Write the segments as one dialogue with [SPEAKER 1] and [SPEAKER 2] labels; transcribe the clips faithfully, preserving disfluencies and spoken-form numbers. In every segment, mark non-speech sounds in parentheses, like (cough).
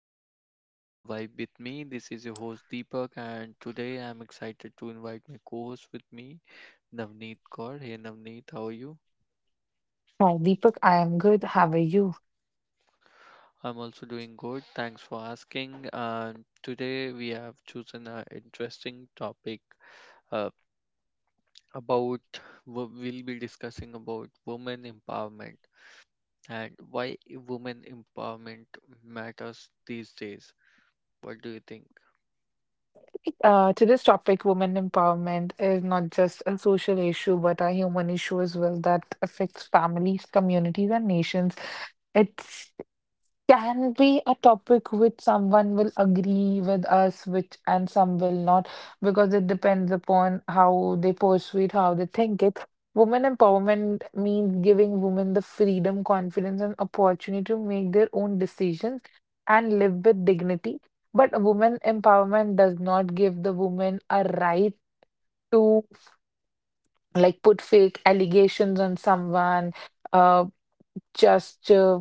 [SPEAKER 1] channel Vibe with me. This is your host Deepak and today I'm excited to invite my co-host with me, Navneet Kaur. Hey Navneet, how are you?
[SPEAKER 2] Hi, Deepak. I am good. How are you?
[SPEAKER 1] I'm also doing good. Thanks for asking. And today we have chosen an interesting topic uh, about wo- we'll be discussing about women empowerment, and why women empowerment matters these days. What do you think?
[SPEAKER 2] Uh, today's topic, women empowerment, is not just a social issue, but a human issue as well that affects families, communities, and nations. It's can be a topic which someone will agree with us which and some will not, because it depends upon how they pursue it, how they think it. Women empowerment means giving women the freedom, confidence, and opportunity to make their own decisions and live with dignity. But women empowerment does not give the woman a right to, like, put fake allegations on someone, uh just uh,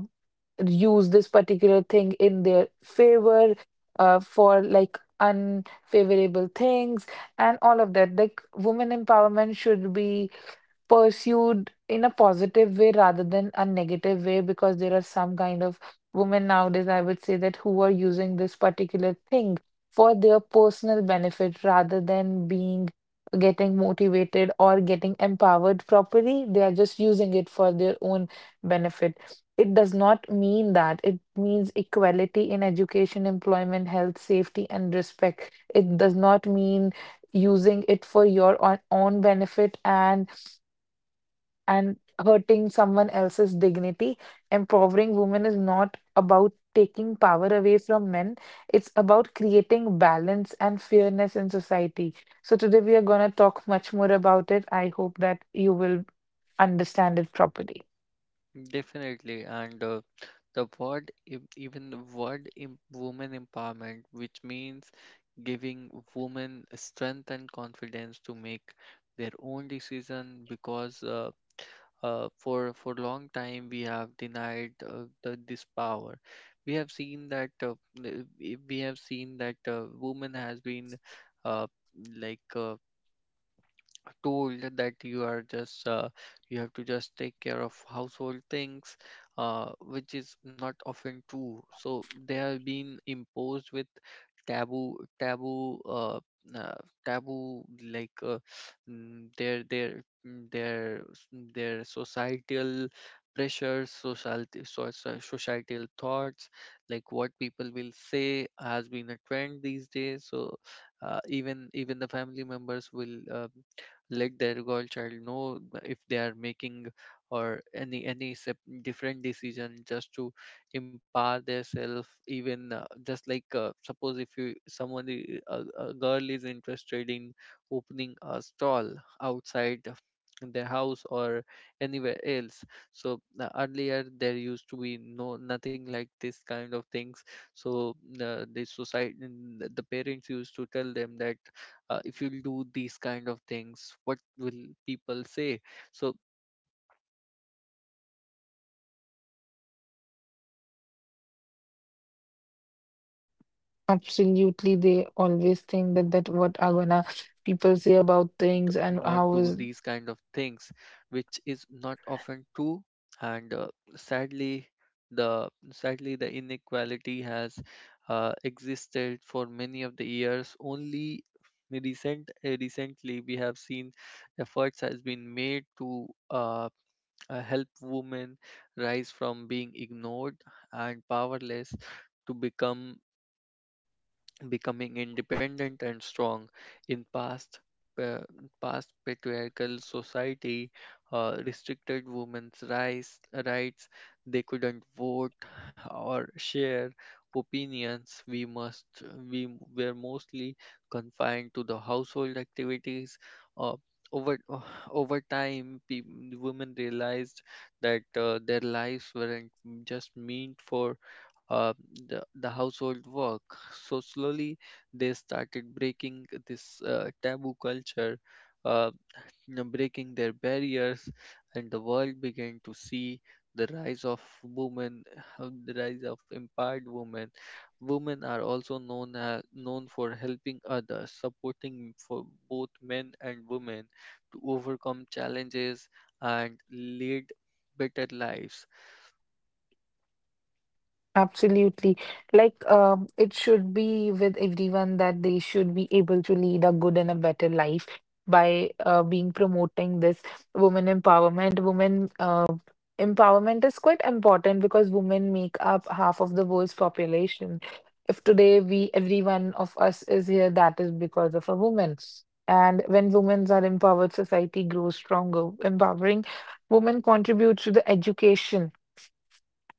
[SPEAKER 2] use this particular thing in their favor, uh, for, like, unfavorable things and all of that. Like, women empowerment should be pursued in a positive way rather than a negative way, because there are some kind of women nowadays, I would say, that who are using this particular thing for their personal benefit rather than being getting motivated or getting empowered properly. They are just using it for their own benefit. It does not mean that. It means equality in education, employment, health, safety, and respect. It does not mean using it for your own own benefit and and hurting someone else's dignity. Empowering women is not about taking power away from men, it's about creating balance and fairness in society. So, today we are going to talk much more about it. I hope that you will understand it properly.
[SPEAKER 1] Definitely, and uh, the word em- even the word em- woman empowerment, which means giving women strength and confidence to make their own decision, because uh, uh, for for long time we have denied uh, the, this power. We have seen that uh, n- we we have seen that uh, woman has been uh, like. Uh, told that you are just uh, you have to just take care of household things, uh, which is not often true, so they have been imposed with taboo taboo uh, uh, taboo like uh, mm, their their mm, their s- their societal pressures society so- so- societal thoughts like what people will say has been a trend these days. So uh, even even the family members will uh, let their girl child know if they are making or any any sep- different decision just to empower themselves, even uh, just like uh, suppose if you someone I- a, a girl is interested in opening a stall outside of their house or anywhere else. So uh, earlier there used to be no nothing like this kind of things. So uh, the society, the the parents used to tell them that uh, if you do these kind of things, what will people say? So (sighs) these these are the uh, situations where we have seen like uh, the girls are being
[SPEAKER 2] Absolutely,
[SPEAKER 1] imposed
[SPEAKER 2] they
[SPEAKER 1] uh,
[SPEAKER 2] always
[SPEAKER 1] the
[SPEAKER 2] think
[SPEAKER 1] the
[SPEAKER 2] that that what
[SPEAKER 1] societal
[SPEAKER 2] are gonna
[SPEAKER 1] thoughts
[SPEAKER 2] people
[SPEAKER 1] that
[SPEAKER 2] say
[SPEAKER 1] they
[SPEAKER 2] about
[SPEAKER 1] should
[SPEAKER 2] things and
[SPEAKER 1] not
[SPEAKER 2] how
[SPEAKER 1] do
[SPEAKER 2] is.
[SPEAKER 1] these kind of things, which is not often true. And uh, sadly the sadly the inequality has uh, existed for many of the years. Only recent uh, recently we have seen efforts has been made to uh, uh, help women rise from being ignored and powerless to become becoming independent and strong. In past pa- past patriarchal society, uh, restricted women's rights rights, they couldn't vote or share opinions. We must we were mostly confined to the household activities. Uh, over (sighs) uh, Over time pe- women realized that uh, their lives weren't just meant for uh, the, the household work. So slowly they started breaking this uh, taboo culture, uh, you know, breaking their barriers, and the world began to see the rise of women, (laughs) the rise of empowered women. Women are also known as, known for helping others, supporting for both men and women to overcome challenges and lead better lives.
[SPEAKER 2] Absolutely. Like, um, it should be with everyone that they should be able to lead a good and a better life by uh, being promoting this women empowerment. Women uh, empowerment is quite important because women make up half of the world's population. If today we, every one of us is here, that is because of a woman. And when women are empowered, society grows stronger. Empowering women contributes to the education,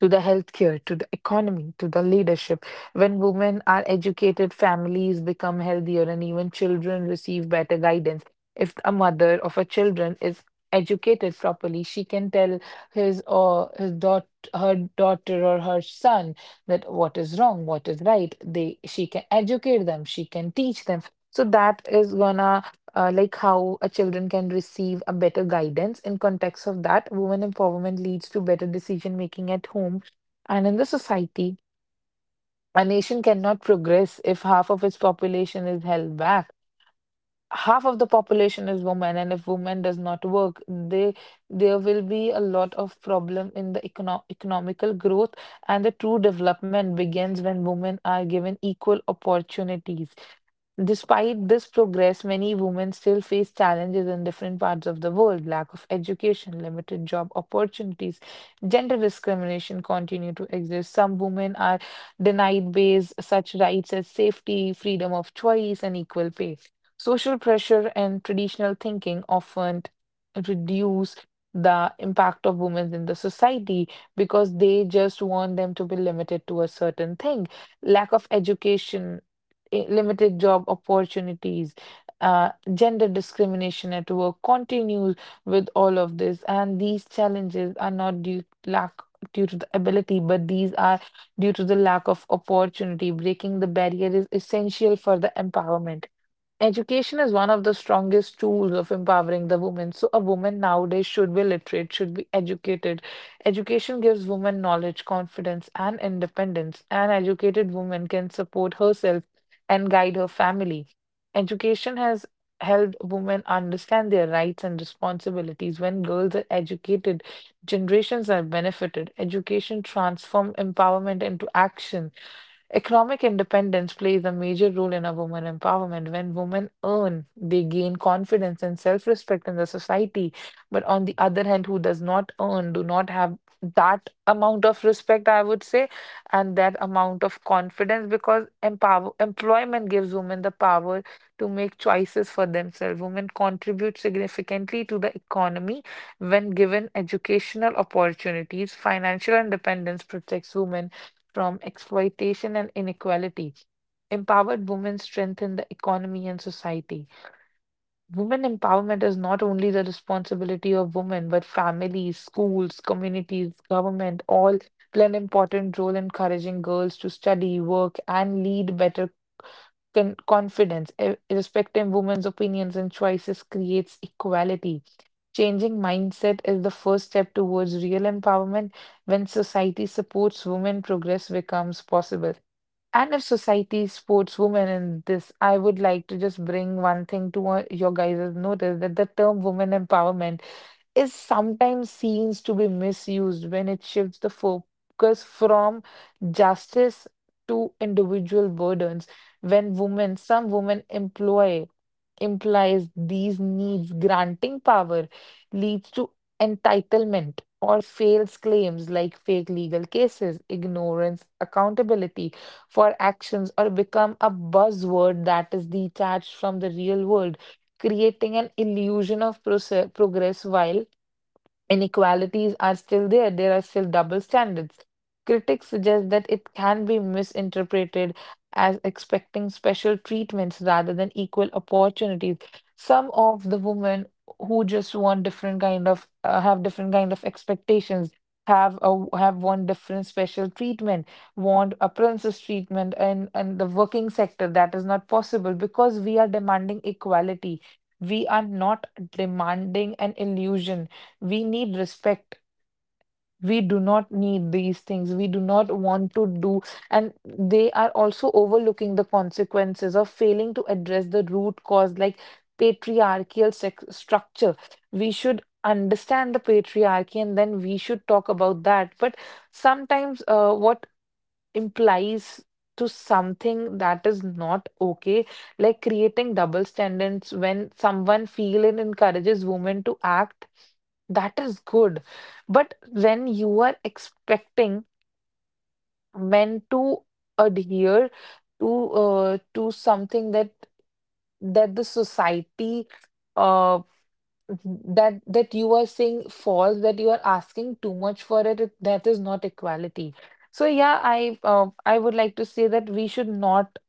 [SPEAKER 2] to the healthcare, to the economy, to the leadership. When women are educated, families become healthier and even children receive better guidance. If a mother of a children is educated properly, she can tell his or his daughter, her daughter or her son, that what is wrong, what is right. They she can educate them, she can teach them. So that is gonna, uh, like, how a children can receive a better guidance. In context of that, women empowerment leads to better decision making at home and in the society. A nation cannot progress if half of its population is held back. Half of the population is women, and if women does not work, they there will be a lot of problem in the econo- economical growth. And the true development begins when women are given equal opportunities. Despite this progress, many women still face challenges in different parts of the world. Lack of education, limited job opportunities, gender discrimination continue to exist. Some women are denied base such rights as safety, freedom of choice, and equal pay. Social pressure and traditional thinking often reduce the impact of women in the society, because they just want them to be limited to a certain thing. Lack of education, i- limited job opportunities, uh, gender discrimination at work continues with all of this. And these challenges are not due lack due to the ability, but these are due to the lack of opportunity. Breaking the barrier is essential for the empowerment. Education is one of the strongest tools of empowering the woman. So, a woman nowadays should be literate, should be educated. Education gives women knowledge, confidence, and independence. An educated woman can support herself and guide her family. Education has helped women understand their rights and responsibilities. When girls are educated, generations are benefited. Education transforms empowerment into action. Economic independence plays a major role in a woman empowerment. When women earn, they gain confidence and self respect in the society. But on the other hand, who does not earn, do not have that amount of respect, I would say, and that amount of confidence, because empower, employment gives women the power to make choices for themselves. Women contribute significantly to the economy when given educational opportunities. Financial independence protects women from exploitation and inequality. Empowered women strengthen the economy and society. Women empowerment is not only the responsibility of women, but families, schools, communities, government all play an important role in encouraging girls to study, work, and lead better con- confidence. Ir- Irrespective of women's opinions and choices creates equality. Changing mindset is the first step towards real empowerment. When society supports women, progress becomes possible. And if society supports women in this, I would like to just bring one thing to, uh, your guys' notice, that the term women empowerment is sometimes seen to be misused when it shifts the focus from justice to individual burdens. When women, some women employ implies these needs granting power, leads to entitlement or fails claims like fake legal cases, ignorance, accountability for actions, or become a buzzword that is detached from the real world, creating an illusion of proce- progress, while inequalities are still there, there are still double standards. Critics suggest that it can be misinterpreted as expecting special treatments rather than equal opportunities. Some of the women who just want different kind of, uh, have different kind of expectations, have a, have want different special treatment, want a princess treatment. And and the working sector, that is not possible, because we are demanding equality, we are not demanding an illusion. We need respect. We do not need these things, we do not want to do. And they are also overlooking the consequences of failing to address the root cause, like patriarchal sex structure. We should understand the patriarchy and then we should talk about that. But sometimes, uh, what implies to something that is not okay, like creating double standards. When someone feel and encourages women to act, that is good. But when you are expecting men to adhere to, uh, to something that that the society, uh that that you are saying false, that you are asking too much for it, it- that is not equality. So yeah, i uh, i would like to say that we should not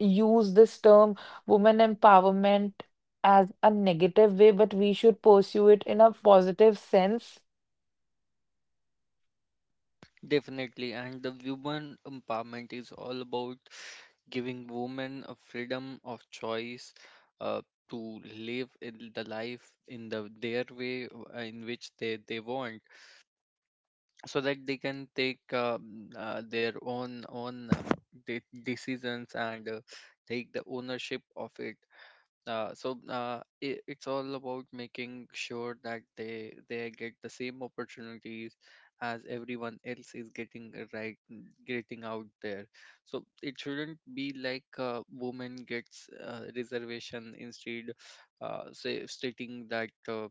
[SPEAKER 2] use this term women empowerment as a negative way, but we should pursue it in a positive sense.
[SPEAKER 1] Definitely, and the women empowerment is all about giving women a freedom of choice uh, to live in the life in the their way uh, in which they, they want, so that they can take uh, mm, uh, their own own uh, de- decisions, and uh, take the ownership of it. Uh, so uh, it, it's all about making sure that they they get the same opportunities as everyone else is getting, uh, right, getting out there. So it shouldn't be like uh, woman gets uh, reservation instead, uh, say stating that uh,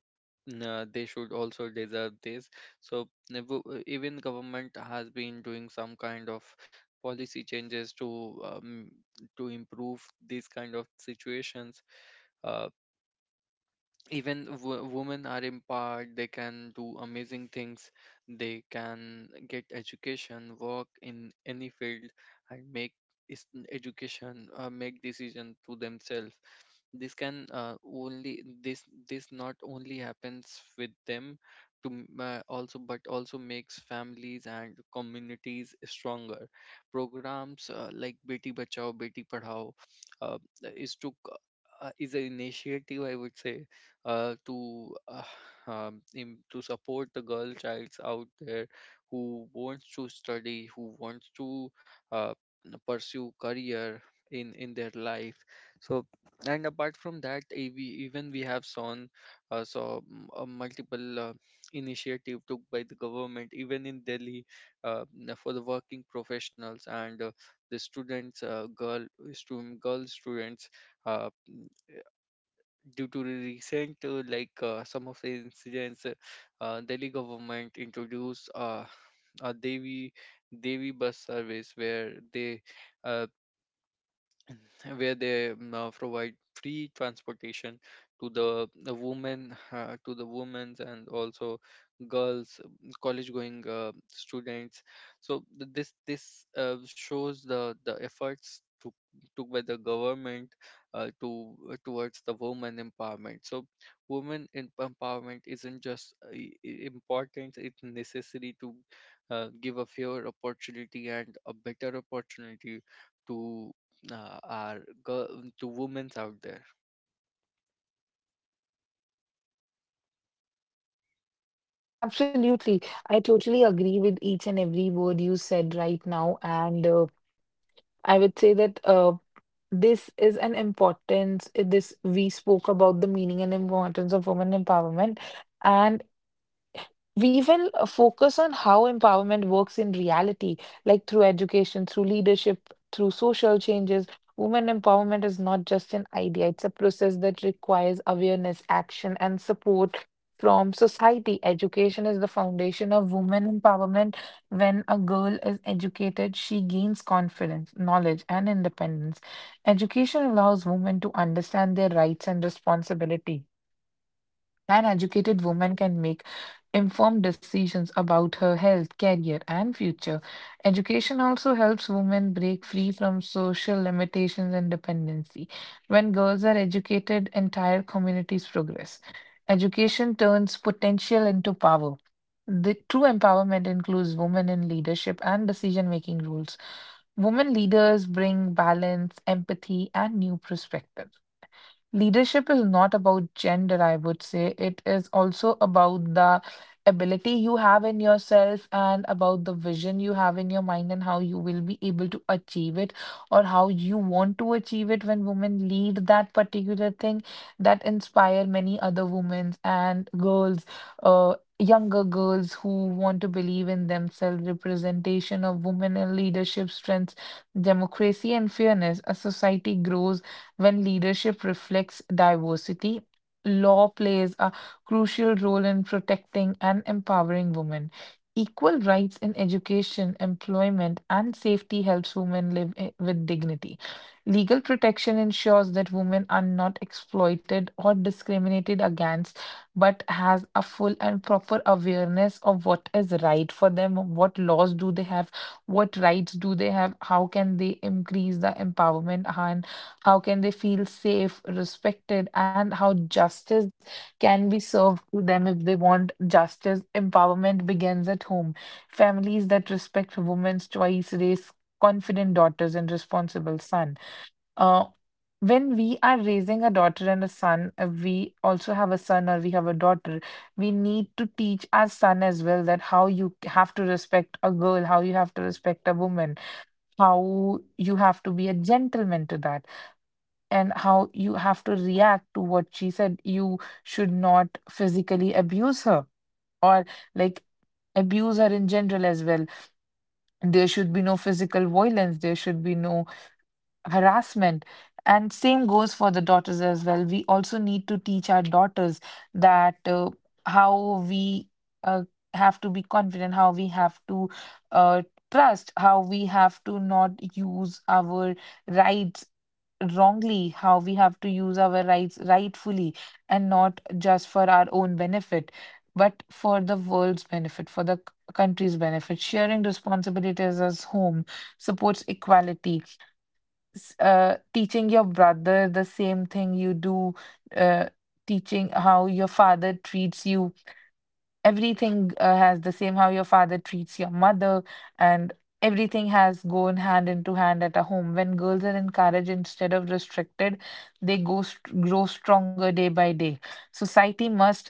[SPEAKER 1] uh, they should also deserve this. So uh, wo- uh, even government has been doing some kind of policy changes to um, to improve these kind of situations. Uh, even w- women are empowered, they can do amazing things, they can get education, work in any field, and make is- education uh, make decision to themselves. This can uh, only this this not only happens with them to m- uh, also, but also makes families and communities stronger. Programs uh, like beti bachao beti padhao uh, is to c- uh, is an initiative, I would say, uh, to uh, (sighs) um, im- to support the girl childs out there who wants to study, who wants to uh, pursue career in in their life. So, and apart from that, eh, we even we have seen uh, saw mm, uh, multiple uh, initiative took by the government, even in Delhi, uh, n- for the working professionals and uh, the students, uh, girl student girl students. Uh, Due to the recent uh, like uh, some of the incidents, uh, uh, Delhi government introduced uh, a devi devi bus service where they uh, where they mm, uh, provide free transportation to the, the women uh, to the women's and also girls, college going uh, students. So th- this this uh, shows the the efforts took took by the government uh, to uh, towards the woman empowerment. So women em- empowerment isn't just uh, i- i- important, it's necessary to uh, give a fair opportunity and a better opportunity to uh, are girl, to women's out there.
[SPEAKER 2] Absolutely. I totally agree with each and every word you said right now. And uh, I would say that, uh, this is an importance. uh, This, we spoke about the meaning and importance of women empowerment, and we will, uh, focus on how empowerment works in reality, like through education, through leadership, through social changes. Women empowerment is not just an idea, it's a process that requires awareness, action, and support from society. Education is the foundation of women empowerment. When a girl is educated, she gains confidence, knowledge, and independence. Education allows women to understand their rights and responsibility. An educated woman can make informed decisions about her health, career, and future. Education also helps women break free from social limitations and dependency. When girls are educated, entire communities progress. Education turns potential into power. The true empowerment includes women in leadership and decision making roles. Women leaders bring balance, empathy, and new perspectives. Leadership is not about gender, I would say. It is also about the ability you have in yourself and about the vision you have in your mind, and how you will be able to achieve it or how you want to achieve it. When women lead that particular thing, that inspire many other women and girls, uh, younger girls who want to believe in themselves. Representation of women in leadership strengths democracy and fairness. A society grows when leadership reflects diversity. Law plays a crucial role in protecting and empowering women. Equal rights in education, employment, and safety helps women live i- with dignity. Legal protection ensures that women are not exploited or discriminated against, but has a full and proper awareness of what is right for them, what laws do they have, what rights do they have, how can they increase the empowerment, and how can they feel safe, respected, and how justice can be served to them if they want justice. Empowerment begins at home. Families that respect women's choice raise confident daughters and responsible sons. Uh, when we are raising a daughter and a son, uh, we also have a son or we have a daughter, we need to teach our son as well that how you have to respect a girl, how you have to respect a woman, how you have to be a gentleman to that, and how you have to react to what she said. You should not physically abuse her or, like, abuse her in general as well. There should be no physical violence, there should be no harassment. And same goes for the daughters as well. We also need to teach our daughters that uh, how we uh, have to be confident, how we have to uh, trust, how we have to not use our rights wrongly, how we have to use our rights rightfully and not just for our own benefit, but for the world's benefit, for the c- country's benefit. Sharing responsibilities as home supports equality. S- Uh, teaching your brother the same thing you do, uh, teaching how your father treats you everything uh, has the same how your father treats your mother and everything has gone hand into hand at a home. When girls are encouraged instead of restricted, they go st- grow stronger day by day. Society must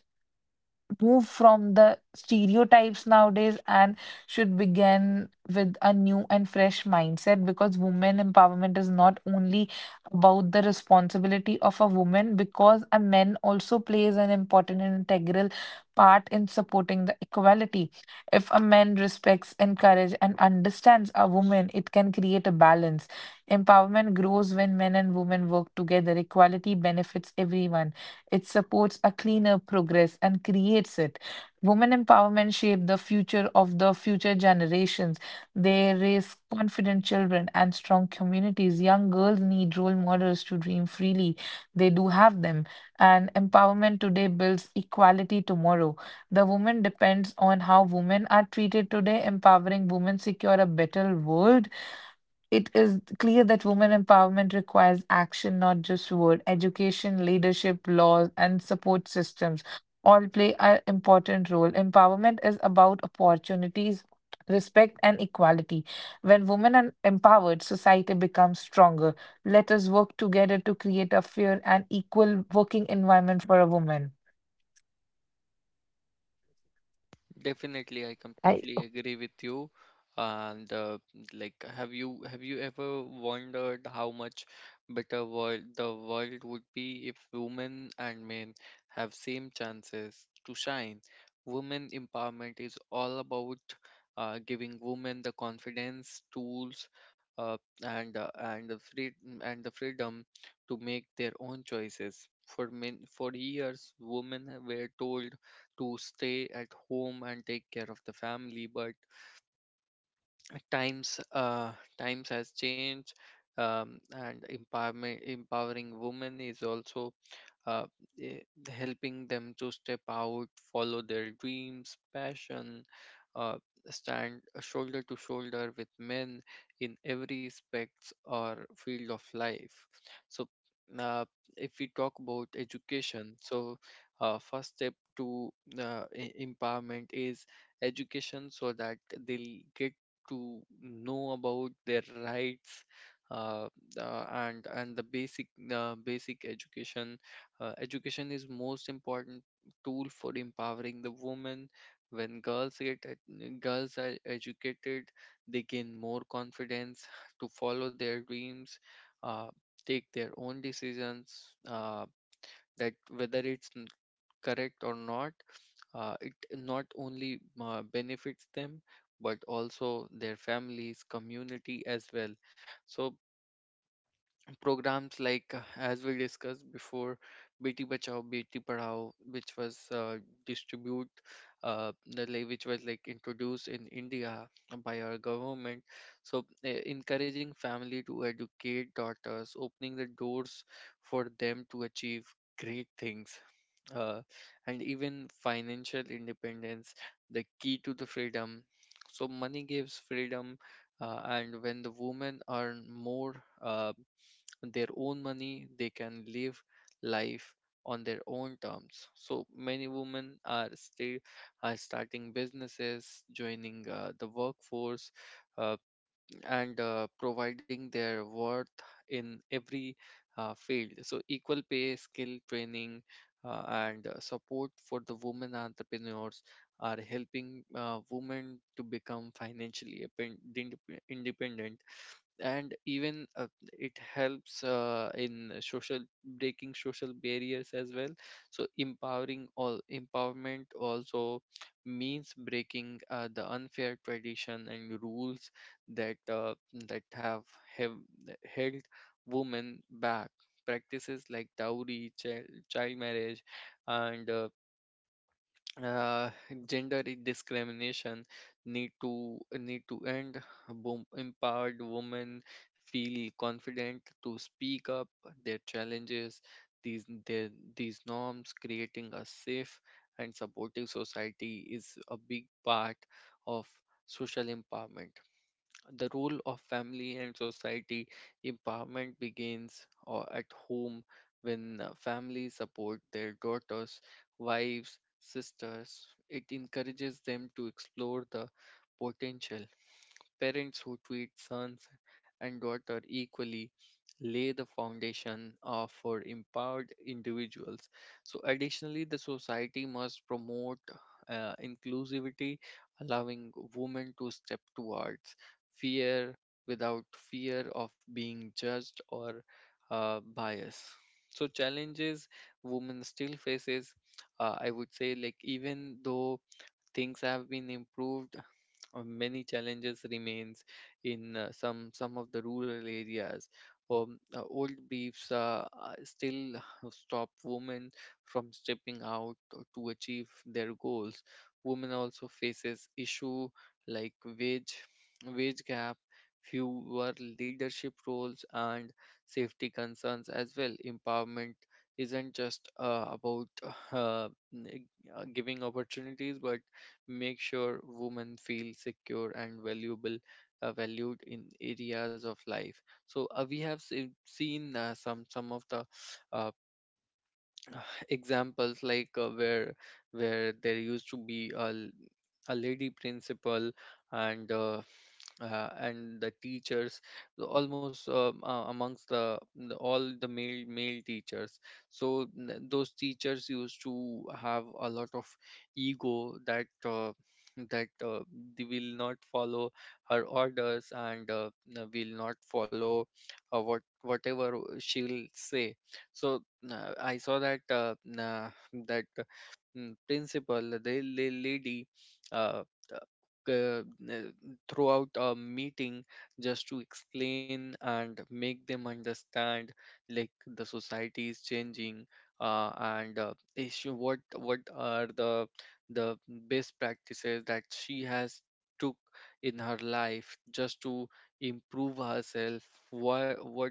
[SPEAKER 2] move from the stereotypes nowadays and should begin with a new and fresh mindset, because women empowerment is not only about the responsibility of a woman, because a man also plays an important and integral part in supporting the equality. If a man respects, encourages and understands a woman, it can create a balance. Empowerment grows when men and women work together. Equality benefits everyone. It supports a cleaner progress and creates it. Women empowerment shape the future of the future generations. They raise confident children and strong communities. Young girls need role models to dream freely. They do have them. And empowerment today builds equality tomorrow. The woman depends on how women are treated today. Empowering women secure a better world. It is clear that women empowerment requires action, not just word. Education, leadership, laws, and support systems all play an important role. Empowerment is about opportunities, respect, and equality. When women are empowered, society becomes stronger. Let us work together to create a fair and equal working environment for a woman.
[SPEAKER 1] Definitely, I
[SPEAKER 2] I
[SPEAKER 1] completely agree with you. And uh, like, have you have you ever wondered how much better world the world would be if women and men have same chances to shine? Women empowerment is all about uh, giving women the confidence, tools, uh, and uh, and the free and the freedom to make their own choices. For men, for years, women were told to stay at home and take care of the family, but times uh, times has changed. Um, and empowerment empowering women is also uh, eh, helping them to step out, follow their dreams, passion, uh, stand shoulder to shoulder with men in every aspects or field of life. So, uh, if we talk about education, so uh, first step to uh, e- empowerment is education, so that they'll get to know about their rights. Uh, uh, and and The basic uh, basic education uh, education is most important tool for empowering the woman. When girls get ed- girls are educated, they gain more confidence to follow their dreams, uh, take their own decisions, uh, that whether it's n- correct or not. Uh, it not only uh, benefits them, but also their families community as well. So programs like uh, as we discussed before, beti bachao beti padhao, which was uh, distribute uh, the lay which was like introduced in India by our government. So uh, encouraging family to educate daughters, opening the doors for them to achieve great things. uh, and even financial independence, the key to the freedom, so money gives freedom. Uh, and when the women earn more uh, their own money, they can live life on their own terms. So many women are still are starting businesses, joining uh, the workforce, uh, and uh, providing their worth in every uh, field. So equal pay, skill training, uh, and uh, support for the women entrepreneurs are helping uh, women to become financially independent, and even uh, it helps uh, in social, breaking social barriers as well. So empowering all empowerment also means breaking uh, the unfair tradition and rules that uh, that have, have held women back. Practices like dowry, child, child marriage, and uh, uh, gender discrimination need to need to end. Wom- empowered women feel confident to speak up their challenges. these their, these norms, creating a safe and supportive society is a big part of social empowerment, the role of family and society. Empowerment begins or at home. When uh, families support their daughters, wives, sisters, it encourages them to explore the potential. Parents who treat sons and daughter equally lay the foundation of for empowered individuals. So, additionally, the society must promote uh, inclusivity, allowing women to step towards fear without fear of being judged or uh, bias. So, challenges women still faces, uh, I would say, like even though things have been improved, uh, many challenges remains in uh, some some of the rural areas. Um, uh, old beliefs uh, uh, still stop women from stepping out to achieve their goals. Women also faces issue like wage wage gap, fewer leadership roles, and safety concerns as well. Empowerment isn't just uh, about uh, n- uh, giving opportunities, but make sure women feel secure and valuable uh, valued in areas of life. So uh, we have se- seen uh, some some of the uh, examples like uh, where where there used to be a, l- a lady principal, and uh, uh, and the teachers almost uh, uh, amongst the, the all the male male teachers. So n- those teachers used to have a lot of ego that uh, that uh, they will not follow her orders, and uh, n- will not follow uh, what whatever she will say. So uh, I saw that uh, uh, that uh, mm, principal, the la- lady, uh, uh, uh, throughout a meeting, just to explain and make them understand, like the society is changing, uh, and uh, issue what what are the the best practices that she has took in her life just to improve herself, what what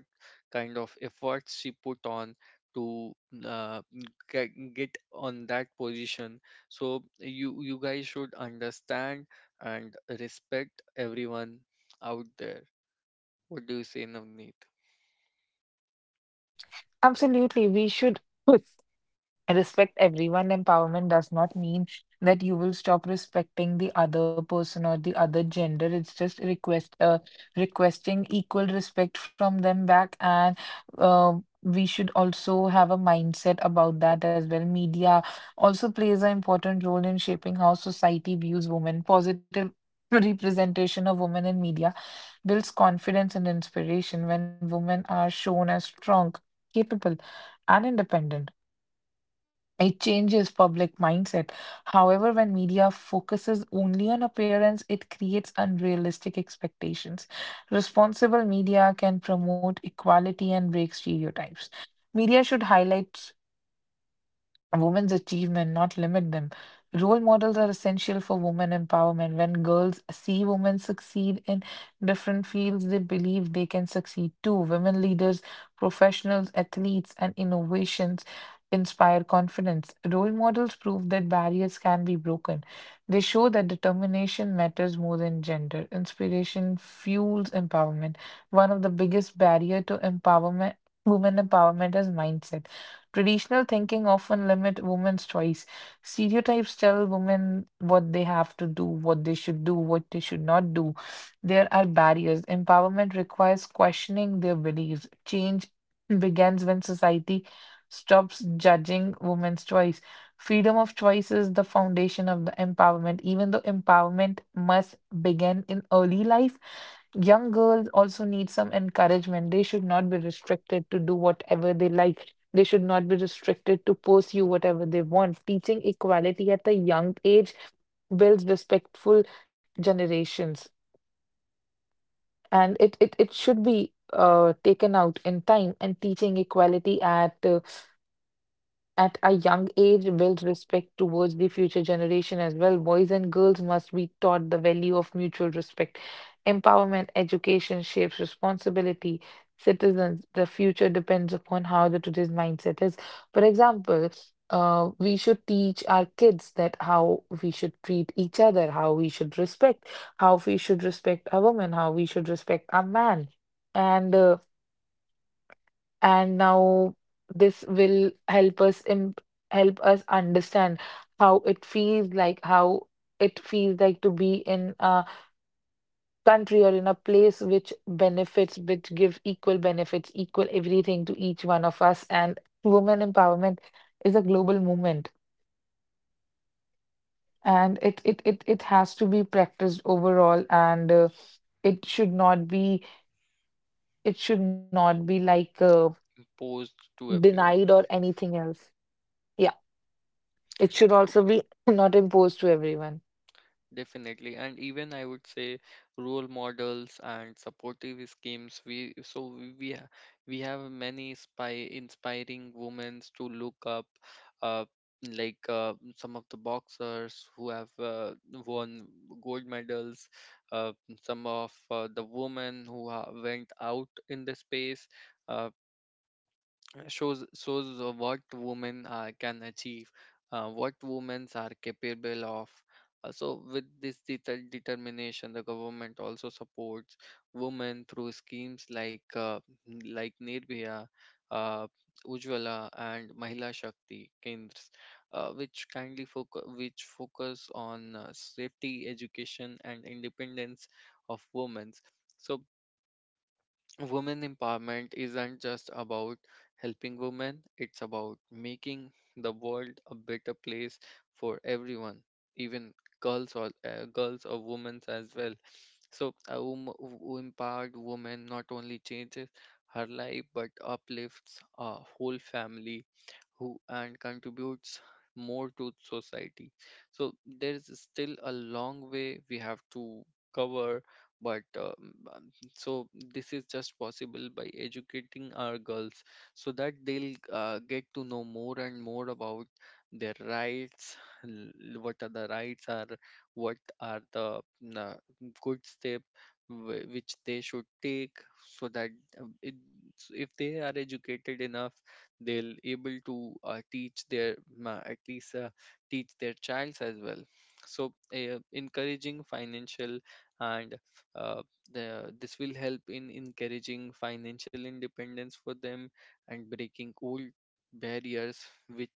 [SPEAKER 1] kind of efforts she put on to uh, get, get on that position. So you you guys should understand and respect everyone out there. What do you say, Navneet?
[SPEAKER 2] absolutely, we should put- (laughs) respect everyone. Empowerment does not mean that you will stop respecting the other person or the other gender. It's just request uh, requesting equal respect from them back, and uh, we should also have a mindset about that as well. Media also plays an important role in shaping how society views women. Positive (laughs) representation of women in media builds confidence and inspiration when women are shown as strong, capable, and independent. It changes public mindset. However, when media focuses only on appearance, it creates unrealistic expectations. Responsible media can promote equality and break stereotypes. Media should highlight women's achievement, not limit them. Role models are essential for women empowerment. When girls see women succeed in different fields, they believe they can succeed too. Women leaders, professionals, athletes, and innovations inspire confidence. Role models prove that barriers can be broken. They show that determination matters more than gender. Inspiration fuels empowerment. One of the biggest barrier to empowerment, women empowerment, is mindset. Traditional thinking often limit women's choice. Stereotypes tell women what they have to do, what they should do, what they should not do. There are barriers. Empowerment requires questioning their beliefs. Change begins when society stops judging women's choice. Freedom of choice is the foundation of the empowerment. Even though empowerment must begin in early life, young girls also need some encouragement. They should not be restricted to do whatever they like. They should not be restricted to pursue whatever they want. Teaching equality at a young age builds respectful generations, and it it, it should be uh, taken out in time. And teaching equality at uh, at a young age build respect towards the future generation as well. Boys and girls must be taught the value of mutual respect. Empowerment education shapes responsibility. Citizens, the future depends upon how the today's mindset is. For example, uh, we should teach our kids that how we should treat each other, how we should respect, how we should respect a woman, how we should respect a man, and uh, and now this will help us imp- help us understand how it feels like, how it feels like to be in a country or in a place which benefits, which give equal benefits, equal everything to each one of us. And women empowerment is a global movement, and it it it, it has to be practiced overall, and uh, it should not be, it should not be like uh,
[SPEAKER 1] Imposed to
[SPEAKER 2] denied
[SPEAKER 1] everyone.
[SPEAKER 2] or anything else. Yeah. It should also be (clears throat) (laughs) not imposed to everyone.
[SPEAKER 1] Definitely, and even I would say, role models and supportive schemes. We so we we ha- we have many spy inspiring women to look up, uh, like uh, some of the boxers who have uh, won gold medals, uh, some of uh, the women who ha- went out in the space. Uh, uh, shows Shows uh, what women uh, can achieve, uh, what women are capable of. Uh, so with this deter- determination, the government also supports women through schemes like uh, n- like Nirbhaya, uh, Ujjwala, and Mahila Shakti Kendras, uh, which kindly focus which focus on uh, safety, education, and independence of women. So women empowerment isn't just about helping women, it's about making the world a better place for everyone, even girls or uh, girls or women as well. So a wom- w- empowered woman not only changes her life but uplifts a whole family who and contributes more to society. So there is still a long way we have to cover. But um, um, so this is just possible by educating our girls so that they'll uh, get to know more and more about their rights, l- what are the rights are, what are the uh, good step wh- which they should take, so that uh, it, if they are educated enough, they'll able to uh, teach their ma- at least uh, teach their childs as well. So uh, encouraging financial and uh, the, this will help in encouraging financial independence for them and breaking old barriers, which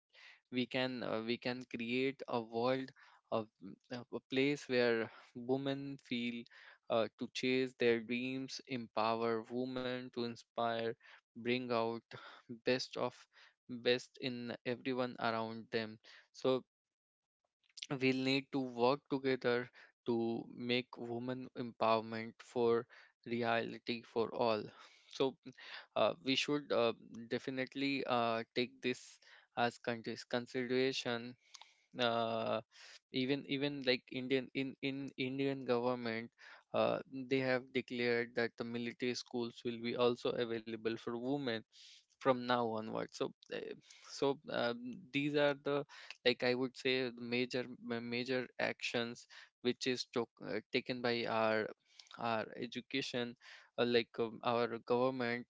[SPEAKER 1] we can uh, we can create a world of a a place where women feel uh, to chase their dreams, empower women to inspire, bring out (sighs) best of best in everyone around them. So we'll need to work together to make women empowerment for reality for all. So uh, we should uh, definitely uh, take this as countries consideration. Uh, even even like Indian, in in Indian government, uh, they have declared that the military schools will be also available for women from now onward. So uh, so um, these are the, like I would say, major ma- major actions which is took, uh, taken by our our education uh, like um, our government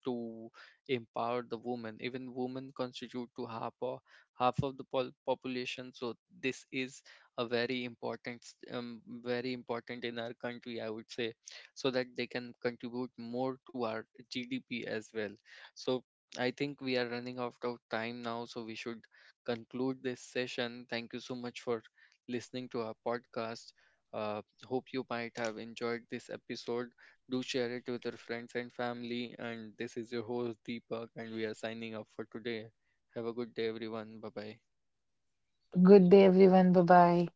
[SPEAKER 1] to empower the women. Even women constitute to half or half of the pol- population. So this is a very important, s- um, very important in our country, I would say, so that they can contribute more to our G D P as well. So I think we are running out of time now, so we should conclude this session. Thank you so much for listening to our podcast. Uh, hope you might have enjoyed this episode. Do share it with your friends and family. And this is your host, Deepak, and we are signing off for today. Have a good day, everyone. Bye bye.
[SPEAKER 2] Good day, everyone. Bye bye.